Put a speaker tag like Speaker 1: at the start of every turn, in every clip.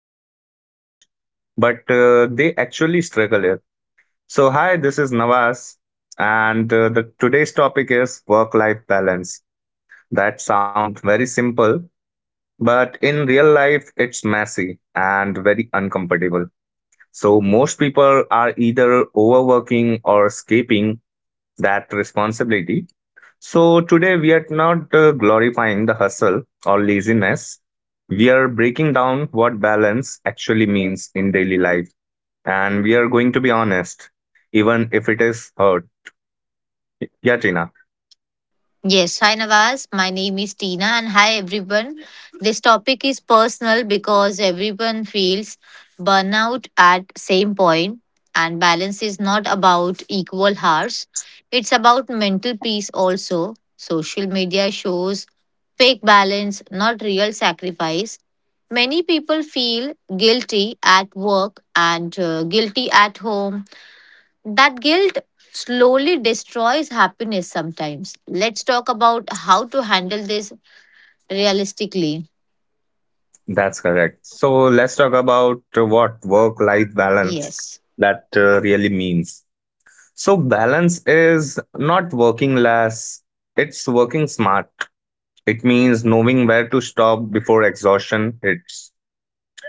Speaker 1: pretend to manage, but they actually struggle with. So, hi, this is Nawaz, and the today's topic is work-life balance. That sounds very simple, but in real life, it's messy and very uncomfortable. So, most people are either overworking or escaping that responsibility, so today we are not glorifying the hustle or laziness. We are breaking down what balance actually means in daily life. And we are going to be honest, even if it is hard. Yeah, Tina,
Speaker 2: Yes, hi Nawaz. My name is Tina, and hi everyone. This topic is personal because everyone feels burnout at same point, and balance is not about equal hours. It's about mental peace also. Social media shows fake balance, not real sacrifice. Many people feel guilty at work and guilty at home that guilt slowly destroys happiness sometimes. Let's talk about how to handle this realistically.
Speaker 1: that's correct. So let's talk about what work life balance
Speaker 2: Yes.
Speaker 1: that really means. So balance is not working less, it's working smart. It means knowing where to stop before exhaustion hits.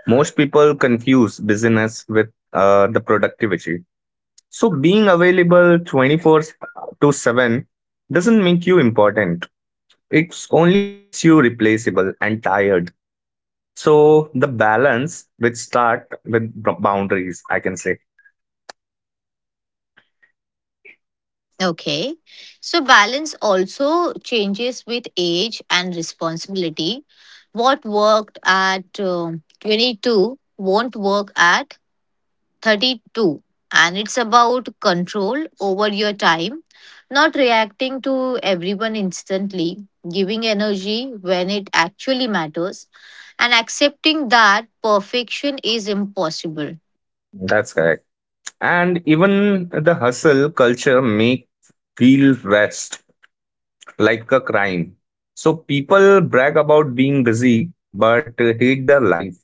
Speaker 1: Most people confuse busyness with the productivity. So being available 24 to 7 doesn't make you important. It only makes you replaceable and tired. So the balance which start with boundaries, I can say.
Speaker 2: Okay. So, balance also changes with age and responsibility. What worked at 22 won't work at 32, and it's about control over your time, not reacting to everyone instantly, giving energy when it actually matters, and accepting that perfection is impossible.
Speaker 1: That's correct. And even the hustle culture make feel rest like a crime. So people brag about being busy but hate their life.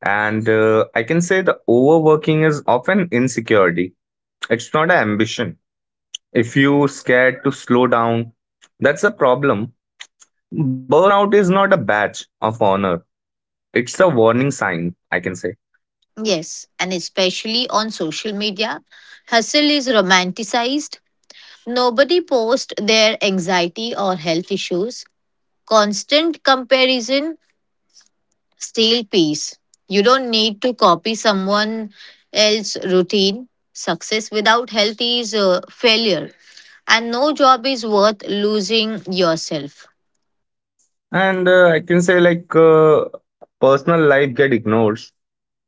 Speaker 1: And I can say the overworking is often insecurity. It's not an ambition. If you scared to slow down, that's a problem. Burnout is not a badge of honor. It's a warning sign, I can say.
Speaker 2: Yes, and especially on social media, hustle is romanticized. Nobody posts their anxiety or health issues. Constant comparison steal peace. You don't need to copy someone else's routine. Success without health is a failure, and no job is worth losing yourself.
Speaker 1: And I can say like personal life get ignored.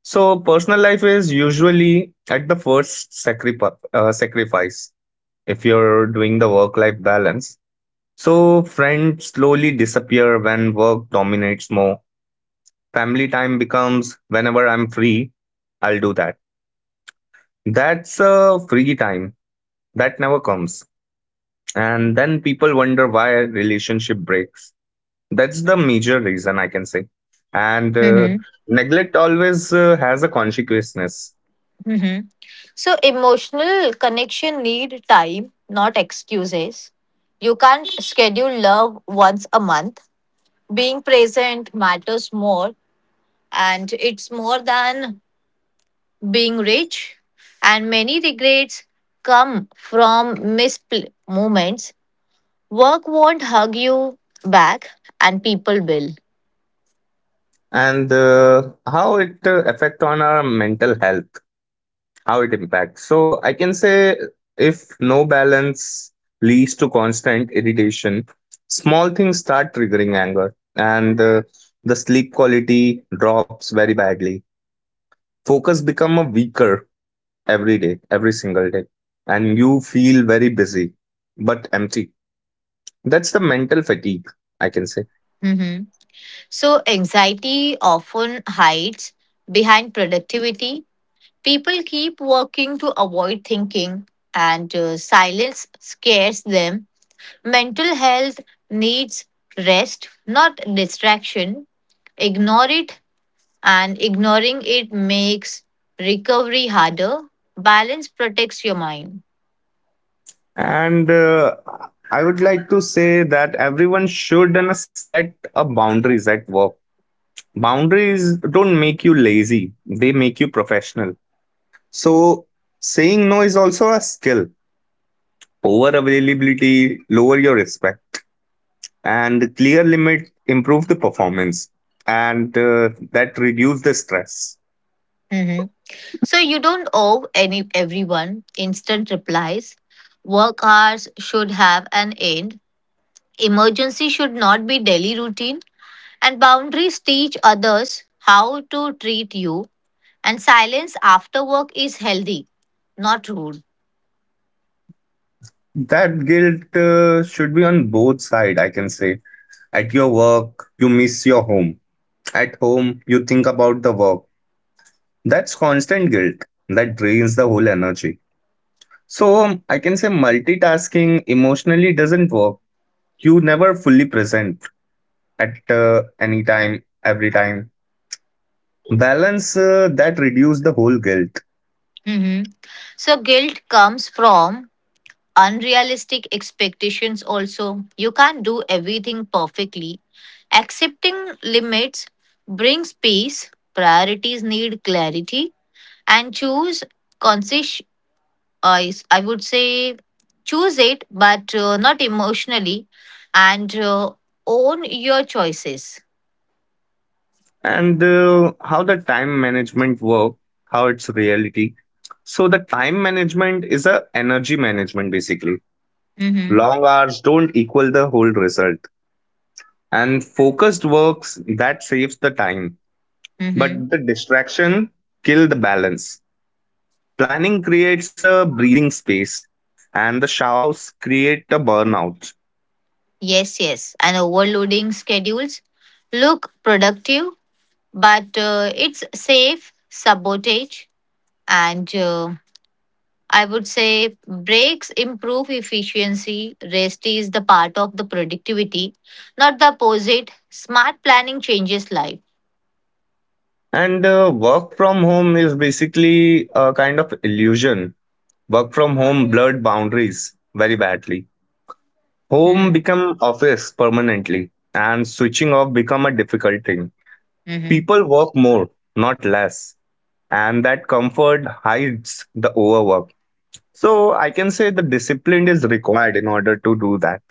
Speaker 1: So personal life is usually at the first sacrifice. Sacrifice if you're doing the work life balance. So friends slowly disappear when work dominates more. Family time becomes, whenever I'm free, I'll do that. That's a free time that never comes. And then people wonder why relationship breaks. That's the major reason, I can say. And
Speaker 2: Mm-hmm.
Speaker 1: neglect always has a consequences.
Speaker 2: Mm-hmm. So emotional connection need time, not excuses. You can't schedule love once a month. Being present matters more, and it's more than being rich, and many regrets come from mispl moments. Work won't hug you back, and people will.
Speaker 1: And how it affect on our mental health, how it impacts. So I can say if no balance leads to constant irritation, small things start triggering anger, and the sleep quality drops very badly. Focus become a weaker every day, every single day, and you feel very busy but empty. That's the mental fatigue, I can say.
Speaker 2: Mhm. So, anxiety often hides behind productivity. People keep working to avoid thinking, and silence scares them. Mental health needs rest, not distraction. Ignore it and Ignoring it makes recovery harder. Balance protects your mind.
Speaker 1: And I would like to say that everyone should set a boundaries at work. Boundaries don't make you lazy, they make you professional. So, saying no is also a skill. Over availability, lower your respect, and clear limit, improve the performance, and that reduce the stress.
Speaker 2: Mhm. So you don't owe any everyone instant replies. Work hours should have an end. Emergency should not be daily routine. And boundaries teach others how to treat you. And silence after work is healthy, not rude.
Speaker 1: That guilt should be on both side, I can say. At your work, you miss your home. At home, you think about the work. That's constant guilt that drains the whole energy. So I can say multitasking emotionally doesn't work. You never fully present at any time, every time. Balance that reduce the whole guilt.
Speaker 2: Mhm. So guilt comes from unrealistic expectations also. You can't do everything perfectly. Accepting limits brings peace. Priorities need clarity and choose conscious. I i would say choose it, but not emotionally, and own your choices.
Speaker 1: And how the time management work, how it's reality. So the time management is a energy management basically.
Speaker 2: Mhm.
Speaker 1: Long hours don't equal the whole result, and focused works that saves the time, but
Speaker 2: Mhm.
Speaker 1: the distraction kill the balance. Planning creates a breathing space, and the showers create a burnout.
Speaker 2: Yes, and overloading schedules look productive, but it's safe sabotage, and I would say breaks improve efficiency. Rest is the part of the productivity, not the opposite. Smart planning changes life.
Speaker 1: And work from home is basically a kind of illusion. Work from home blurred boundaries very badly. Home
Speaker 2: Mm.
Speaker 1: become office permanently, and switching off become a difficult thing.
Speaker 2: Mm-hmm.
Speaker 1: People work more, not less, and that comfort hides the overwork. So I can say the discipline is required in order to do that.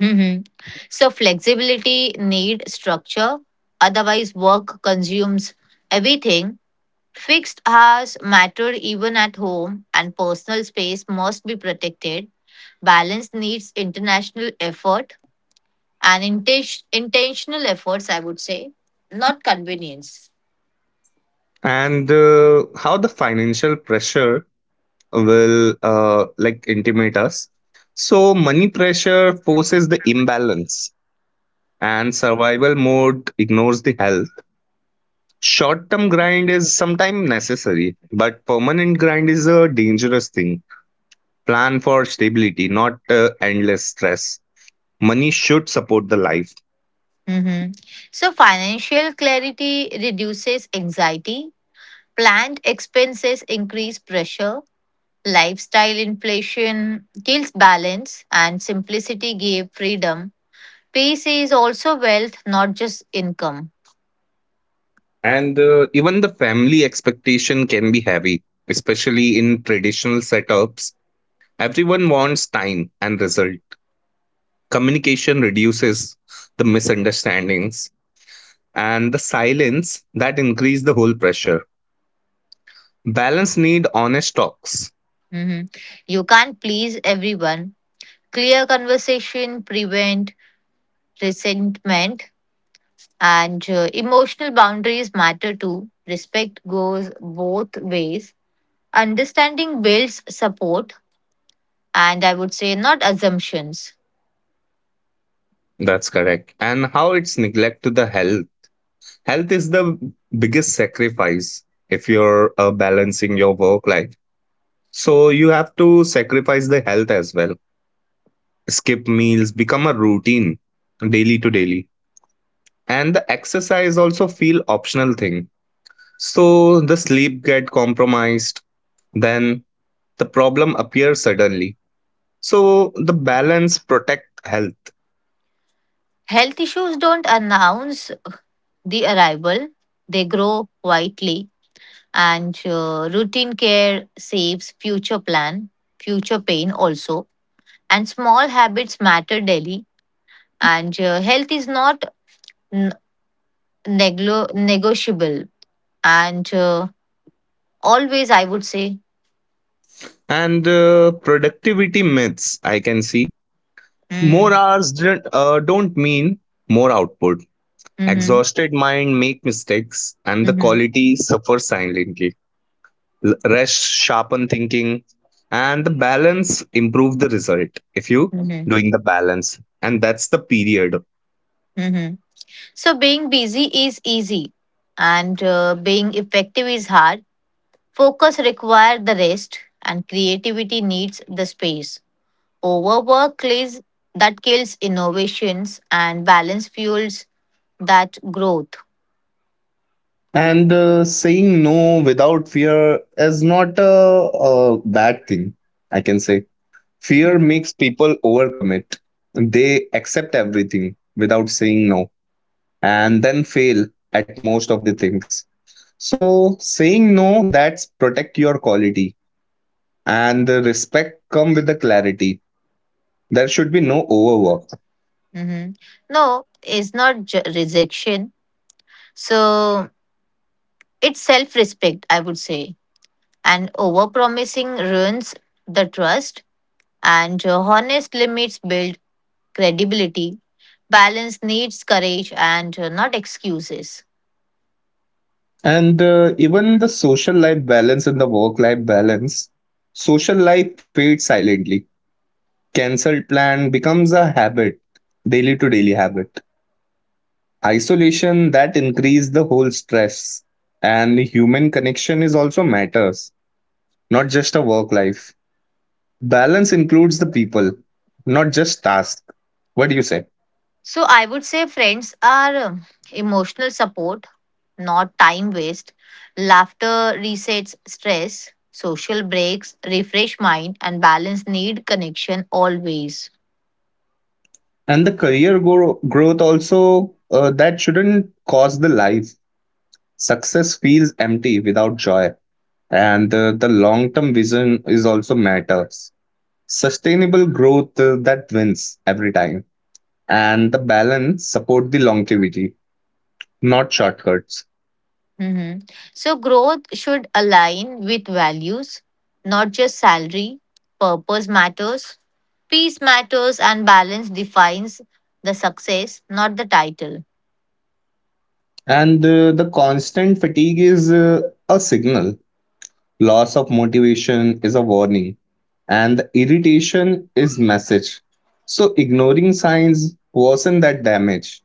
Speaker 2: Mhm. So flexibility need structure. Otherwise, work consumes everything. Fixed hours matter even at home, and personal space must be protected. Balance needs international effort and intentional efforts, I would say, not convenience.
Speaker 1: And how the financial pressure will like intimidate us. So money pressure forces the imbalance, and survival mode ignores the health. Short term grind is sometimes necessary, but permanent grind is a dangerous thing. Plan for stability, not endless stress. Money should support the life.
Speaker 2: Hmm. So, financial clarity reduces anxiety, planned expenses increase pressure, lifestyle inflation kills balance, and simplicity gave freedom. Peace is also wealth, not just income.
Speaker 1: And even the family expectation can be heavy, especially in traditional setups. Everyone wants time and result. Communication reduces the misunderstandings, and the silence that increase the whole pressure. Balance need honest talks.
Speaker 2: Hmm. You can't please everyone. Clear conversation prevent resentment, and emotional boundaries matter too. Respect goes both ways. Understanding builds support, and I would say not assumptions.
Speaker 1: That's correct. And how it's neglect to the health. Health is the biggest sacrifice if you're balancing your work life. So you have to sacrifice the health as well. Skip meals become a routine daily to daily, and the exercise also feel optional thing. So the sleep get compromised, then the problem appears suddenly. So the balance protect health.
Speaker 2: Health issues don't announce the arrival, they grow quietly, and routine care saves future plan, future pain also. And small habits matter daily, and health is not n- negotiable. And always, I would say.
Speaker 1: And productivity myths I can see. More
Speaker 2: Mm.
Speaker 1: hours don't, uh, don't mean more output.
Speaker 2: Mm-hmm.
Speaker 1: Exhausted mind make mistakes and the
Speaker 2: Mm-hmm.
Speaker 1: quality suffers silently. Rest sharpen thinking, and the balance improve the result if you
Speaker 2: Mm-hmm.
Speaker 1: doing the balance, and that's the period.
Speaker 2: Mm-hmm. So being busy is easy, and being effective is hard. Focus requires the rest, and creativity needs the space. Overwork kills innovations, and balance fuels that growth.
Speaker 1: And saying no without fear is not a bad thing, I can say. Fear
Speaker 2: Mm.
Speaker 1: makes people overcommit. They accept everything without saying no and then fail at most of the things. So saying no that's protect your quality, and the respect come with the clarity. There should be no overwork.
Speaker 2: Mhm. No, it's not rejection. So it's self-respect, I would say. And overpromising ruins the trust, and honest limits build credibility. Balance needs courage and not excuses.
Speaker 1: And even the social life balance and the work life balance, social life fades silently. Cancelled plan becomes a habit, daily to daily habit. Isolation that increase the whole stress, and human connection is also matters, not just a work life. Balance includes the people, not just task. What do you say?
Speaker 2: So I would say friends are emotional support, not time waste. Laughter resets stress, social breaks refresh mind, and balance need connection always.
Speaker 1: And the career growth also that shouldn't cause the life. Success feels empty without joy. And the long term vision is also matters. Sustainable growth that wins every time, and the balance support the longevity, not shortcuts.
Speaker 2: Mhm. So growth should align with values, not just salary. Purpose matters, peace matters, and balance defines the success, not the title.
Speaker 1: And the constant fatigue is a signal. Loss of motivation is a warning. And the irritation is message. So ignoring signs worsen that damage.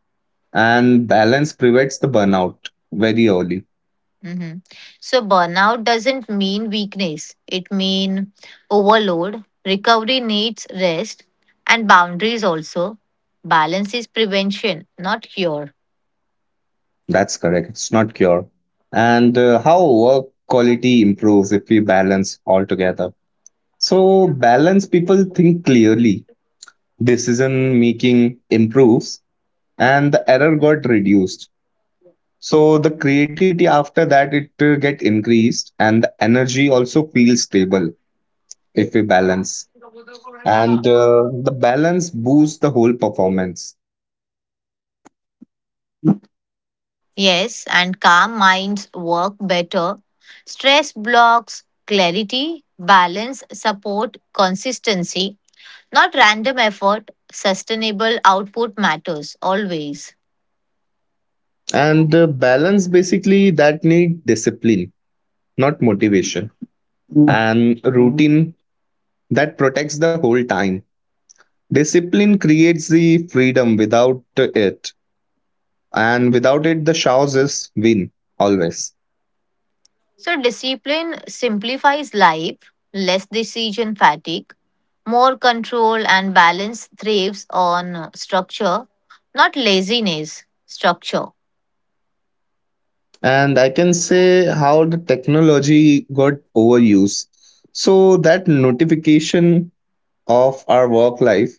Speaker 1: And balance prevents the burnout very early.
Speaker 2: Hmm. So burnout doesn't mean weakness. It means overload. Recovery needs rest and boundaries also. Balance is prevention, not cure.
Speaker 1: That's correct. It's not cure. And how work quality improves if we balance altogether. So balance people think clearly. Decision making improves, and the error got reduced. So the creativity after that it get increased, and the energy also feels stable if we balance. And the balance boosts the whole performance.
Speaker 2: Yes, and calm minds work better. Stress blocks clarity, balance, support, consistency. Not random effort. Sustainable output matters always.
Speaker 1: And balance basically that need discipline, not motivation. Mm. And routine that protects the whole time. Discipline creates the freedom without it, and without it the showers is win always.
Speaker 2: So, discipline simplifies life, less decision fatigue, more control, and balance thrives on structure, not laziness, structure.
Speaker 1: And I can say how the technology got overused. So that notification of our work life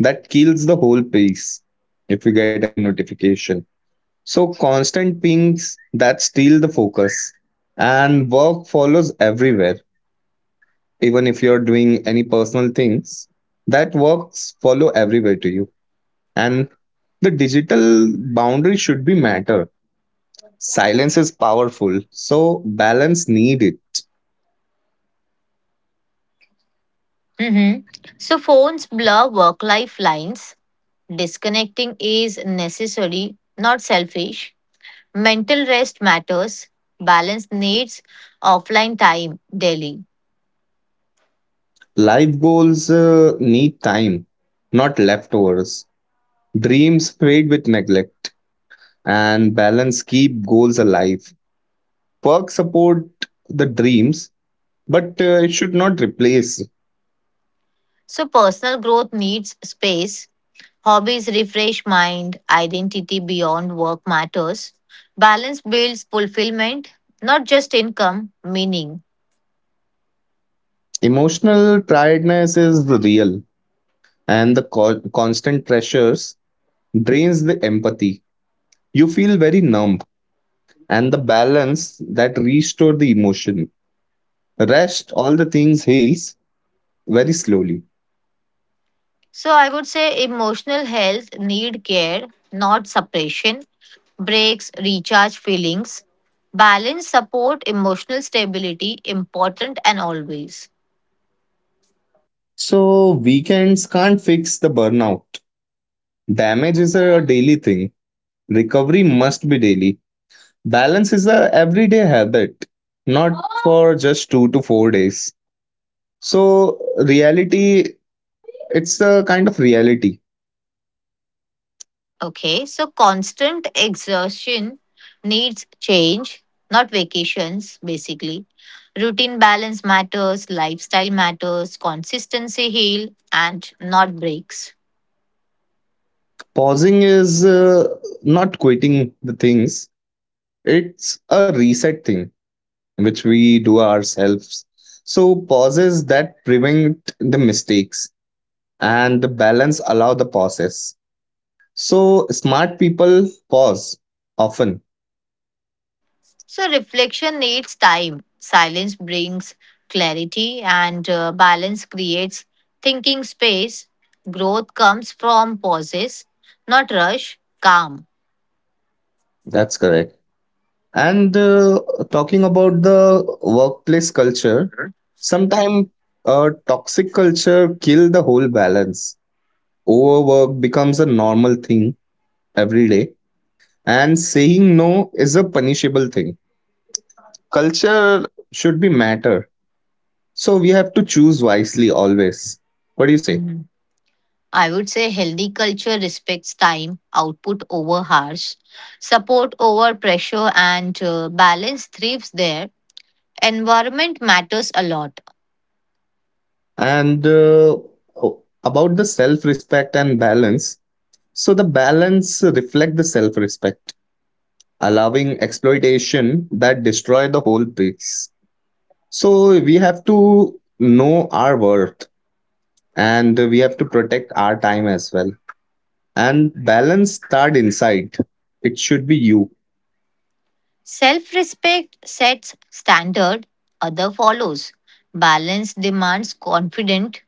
Speaker 1: that kills the whole piece if you get any notification. So constant pings that steal the focus, and work follows everywhere. Even if you're doing any personal things, that works follow everywhere to you. And the digital boundary should be matter. Silence is powerful, so balance needed.
Speaker 2: Mhm. So, phones blur work life lines. Disconnecting is necessary, not selfish. Mental rest matters. Balance needs offline time daily.
Speaker 1: Life goals need time, not leftovers. Dreams fade with neglect, and balance keep goals alive. Work support the dreams, but it should not replace.
Speaker 2: So, personal growth needs space. Hobbies refresh mind, identity beyond work matters. Balance builds fulfillment, not just income, meaning.
Speaker 1: Emotional tiredness is real, and the constant pressures drains the empathy. You feel very numb, and the balance that restore the emotion. Rest, all the things heals very slowly.
Speaker 2: So I would say emotional health need care, not suppression. Breaks recharge feelings. Balance support emotional stability, important and always.
Speaker 1: So weekends can't fix the burnout. Damage is a daily thing. Recovery must be daily. Balance is a everyday habit, not for just 2 to 4 days. So reality, it's a kind of reality.
Speaker 2: Okay, so constant exertion needs change, not vacations, basically. Routine balance matters, lifestyle matters, consistency heal, and not breaks.
Speaker 1: Pausing is not quitting the things. It's a reset thing which we do ourselves. So pauses that prevent the mistakes, and the balance allow the pauses. So smart people pause often.
Speaker 2: So reflection needs time. Silence brings clarity, and balance creates thinking space. Growth comes from pauses, not rush, calm.
Speaker 1: That's correct. And talking about the workplace culture, sometimes a toxic culture kill the whole balance. Overwork becomes a normal thing every day, and saying no is a punishable thing. Culture should be matter, so we have to choose wisely always. What do you say?
Speaker 2: Mm-hmm. I would say healthy culture respects time, output over hours, support over pressure, and balance thrives there. Environment matters a lot.
Speaker 1: And oh, about the self-respect and balance. So the balance reflect the self-respect, allowing exploitation that destroy the whole piece. So we have to know our worth, and we have to protect our time as well. And balance start inside. It should be you.
Speaker 2: Self respect sets standard, other follows. Balance demands confident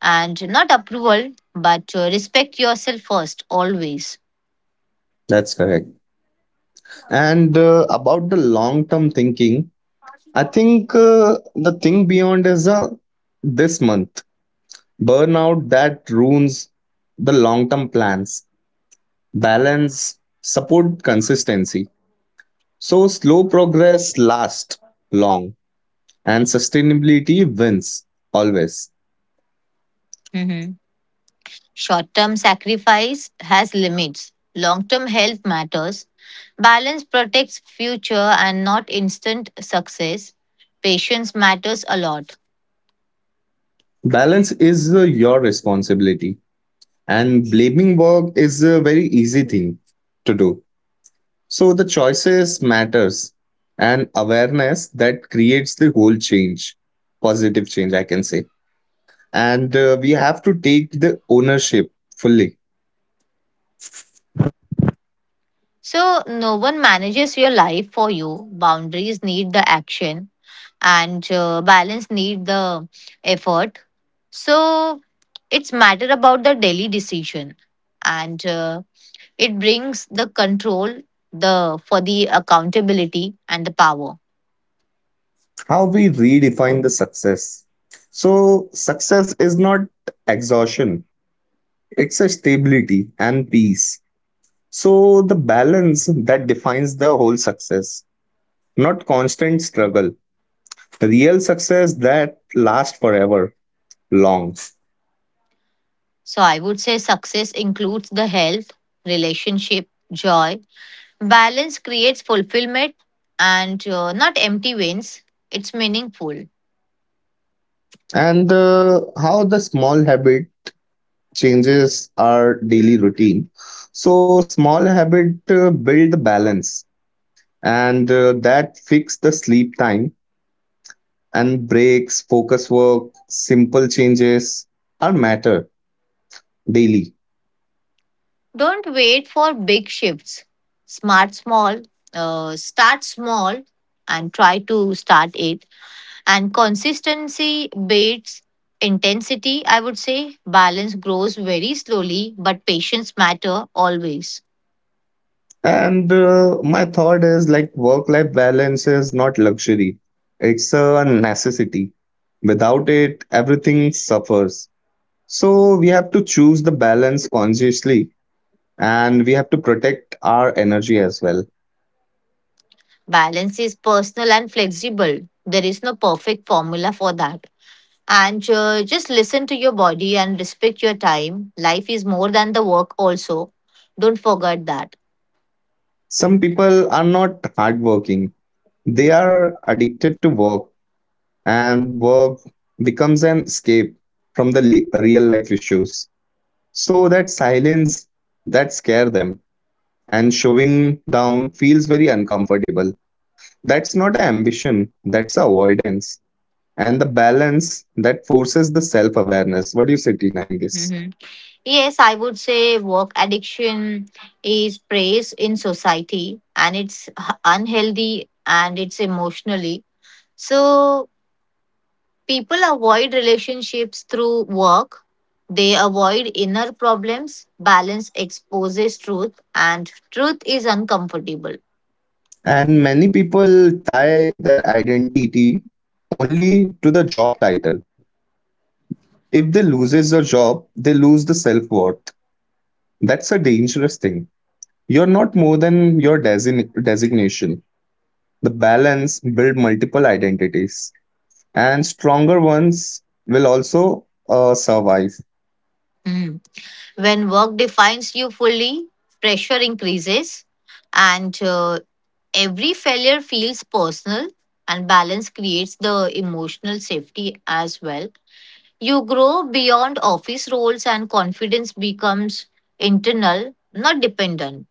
Speaker 2: and not approval, but respect yourself first, always.
Speaker 1: That's correct. And about the long term thinking, I think the thing beyond is this month burnout that ruins the long term plans. Balance support consistency. So slow progress lasts long, and sustainability wins always.
Speaker 2: Short term sacrifice has limits. Long term health matters. Balance protects future and not instant success. Patience matters a lot.
Speaker 1: Balance is your responsibility, and blaming work is a very easy thing to do. So the choices matters, and awareness that creates the whole change, positive change I can say. And we have to take the ownership fully.
Speaker 2: So, no one manages your life for you. Boundaries need the action, and balance need the effort. So, it's matter about the daily decision, and it brings the control, the for the accountability and the power.
Speaker 1: How we redefine the success. So success is not exhaustion. It's a stability and peace. So, the balance that defines the whole success, not constant struggle. Real success that lasts forever, long.
Speaker 2: So I would say success includes the health, relationship, joy. Balance creates fulfillment and not empty wins. It's meaningful.
Speaker 1: And how the small habit changes our daily routine. So, small habit build the balance, and that fix the sleep time and breaks, focus work, simple changes are matter daily.
Speaker 2: Don't wait for big shifts. Smart small, Start small and try to start it. And consistency beats intensity, I would say. Balance grows very slowly, but patience matter always.
Speaker 1: And my thought is like work life balance is not luxury, it's a necessity. Without it, everything suffers. So we have to choose the balance consciously, and we have to protect our energy as well.
Speaker 2: Balance is personal and flexible. There is no perfect formula for that. And just listen to your body and respect your time. Life is more than the work, also. Don't forget that.
Speaker 1: Some people are not hardworking, they are addicted to work, and work becomes an escape from the real life issues. So that silence that scare them and showing down feels very uncomfortable. That's not an ambition, that's avoidance. And the balance that forces the self awareness. What do you say, Tina, in this?
Speaker 2: Mhm. Yes, I would say work addiction is praise in society and it's unhealthy and it's emotionally. So, people avoid relationships through work. They avoid inner problems. Balance exposes truth, and truth is uncomfortable.
Speaker 1: And many people tie their identity only to the job title. If they loses your job, they lose the self worth. That's a dangerous thing. You're not more than your designation. The balance build multiple identities and stronger ones will also survive.
Speaker 2: Mm. When work defines you fully, pressure increases, and every failure feels personal, and balance creates the emotional safety as well. You grow beyond office roles, and confidence becomes internal, not dependent.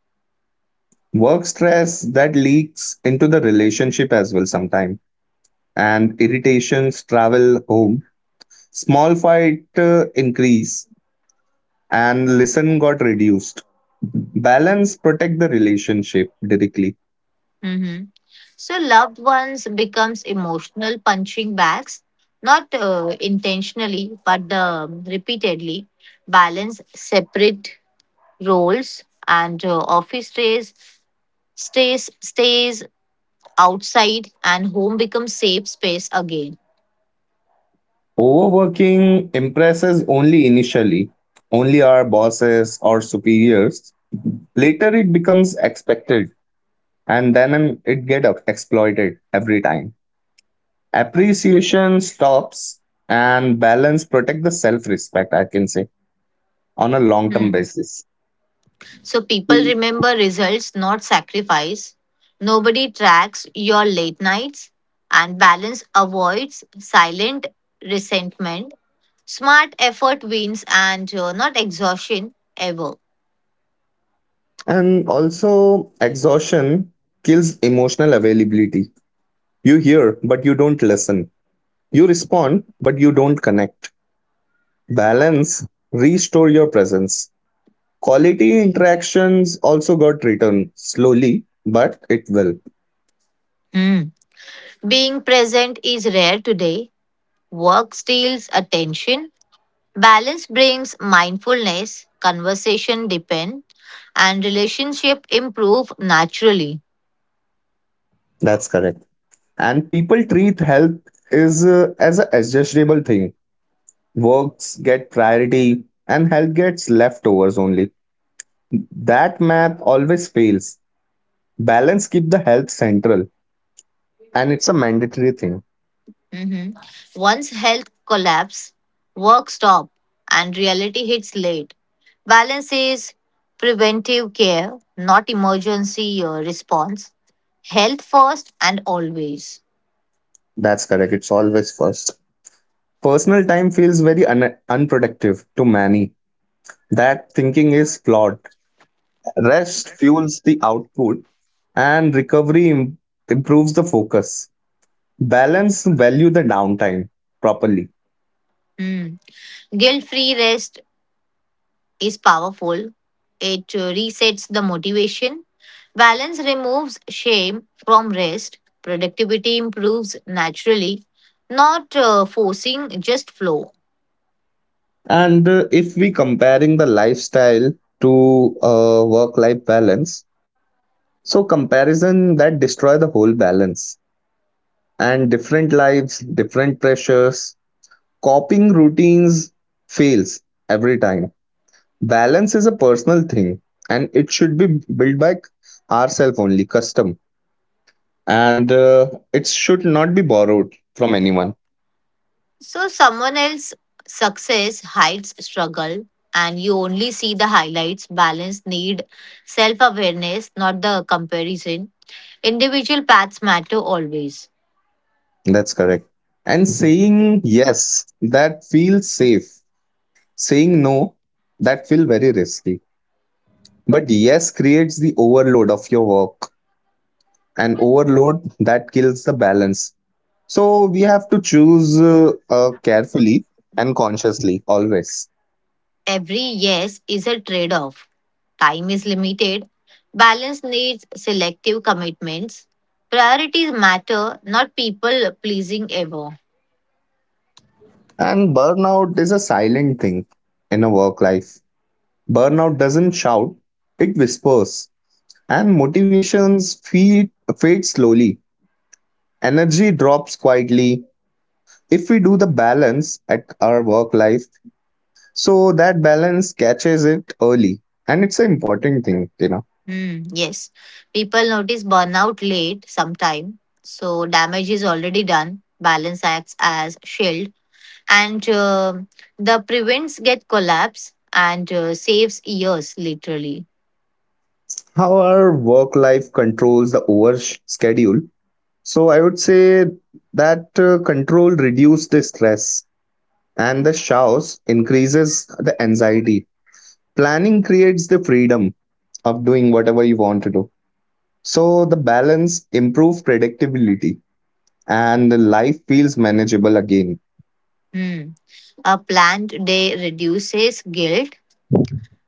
Speaker 1: Work stress that leaks into the relationship as well sometime, and irritations travel home. Small fight increase and listen got reduced. Balance protect the relationship directly.
Speaker 2: Hmm. So loved ones becomes emotional punching bags, not intentionally, but repeatedly. Balance separate roles and office stays outside, and home becomes safe space again.
Speaker 1: Overworking impresses only initially, only our bosses or superiors. Later it becomes expected, and then it get up exploited every time. Appreciation stops and balance protect the self respect, I can say, on a long term
Speaker 2: Hmm.
Speaker 1: basis.
Speaker 2: So people remember results, not sacrifice. Nobody tracks your late nights, and balance avoids silent resentment. Smart effort wins and not exhaustion ever.
Speaker 1: And also, exhaustion kills emotional availability. You hear, but you don't listen. You respond, but you don't connect. Balance, restore your presence. Quality interactions also got returned slowly, but it will.
Speaker 2: Mm. Being present is rare today. Work steals attention. Balance brings mindfulness. Conversation depend and relationship improve naturally.
Speaker 1: That's correct. And people treat health is as a adjustable thing, works get priority and health gets leftovers only, that math always fails, balance keep the health central and it's a mandatory thing.
Speaker 2: Mhm. Once health collapse, work stop and reality hits late. Balance is preventive care, not emergency response. Health first and always.
Speaker 1: That's correct, it's always first. Personal time feels very unproductive to many, that thinking is flawed, rest fuels the output and recovery improves the focus, balance value the downtime properly.
Speaker 2: Mm. Guilt free rest is powerful. It resets the motivation. Balance removes shame from rest. Productivity improves naturally, not forcing, just flow.
Speaker 1: And If we comparing the lifestyle to work-life balance, so comparison that destroy the whole balance and different lives, different pressures, coping routines fails every time. Balance is a personal thing and it should be built by ourselves only, custom. And it should not be borrowed from anyone.
Speaker 2: So, someone else's success hides struggle, and you only see the highlights. Balance need self awareness, not the comparison. Individual paths matter always.
Speaker 1: That's correct. And saying yes, that feels safe. Saying no, that feel very risky. But yes creates the overload of your work and overload that kills the balance. So we have to choose carefully and consciously always.
Speaker 2: Every yes is a trade off. Time is limited. Balance needs selective commitments. Priorities matter, not people pleasing ever.
Speaker 1: And burnout is a silent thing in a work life. Burnout doesn't shout, it whispers. And motivations fade slowly. Energy drops quietly. If we do the balance at our work life, so that balance catches it early, and it's an important thing, you know.
Speaker 2: Hmm, yes, people notice burnout late sometime, so damage is already done. Balance acts as shield, and the prevents get collapse and saves years literally.
Speaker 1: How our work life controls the schedule. So I would say that control reduces the stress, and the chaos increases the anxiety. Planning creates the freedom of doing whatever you want to do. So the balance improves predictability, and the life feels manageable again.
Speaker 2: Hmm. A planned day reduces guilt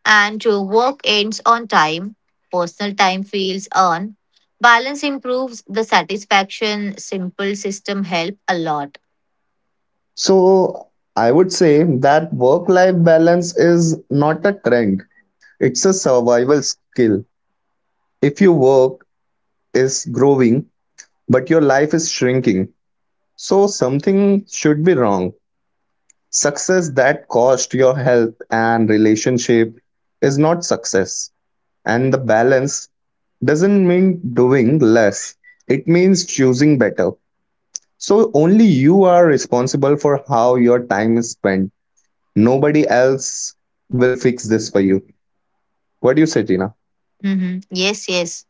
Speaker 2: and to work ends on time, personal time feels earned. Balance improves the satisfaction. Simple system help a lot.
Speaker 1: So I would say that work life balance is not a trend. It's a survival skill. If your work is growing, but your life is shrinking, so something should be wrong. Success that cost your health and relationship is not success. And the balance doesn't mean doing less, it means choosing better. So only you are responsible for how your time is spent. Nobody else will fix this for you. What do you say, Tina?
Speaker 2: Hmm. Yes, yes.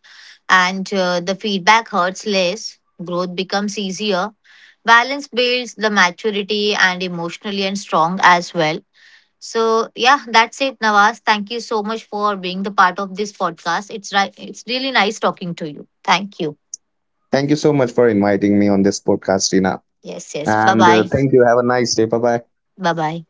Speaker 2: And the feedback hurts less. Growth becomes easier. Balance builds the maturity and emotionally and strong as well. So yeah, that's it, Nawaz. Thank you so much for being the part of this podcast. It's right. It's really nice talking to you. Thank you.
Speaker 1: Thank you so much for inviting me on this podcast, Tina.
Speaker 2: Yes, yes. Bye
Speaker 1: And
Speaker 2: bye.
Speaker 1: thank you. Have a nice day. Bye bye.
Speaker 2: Bye bye.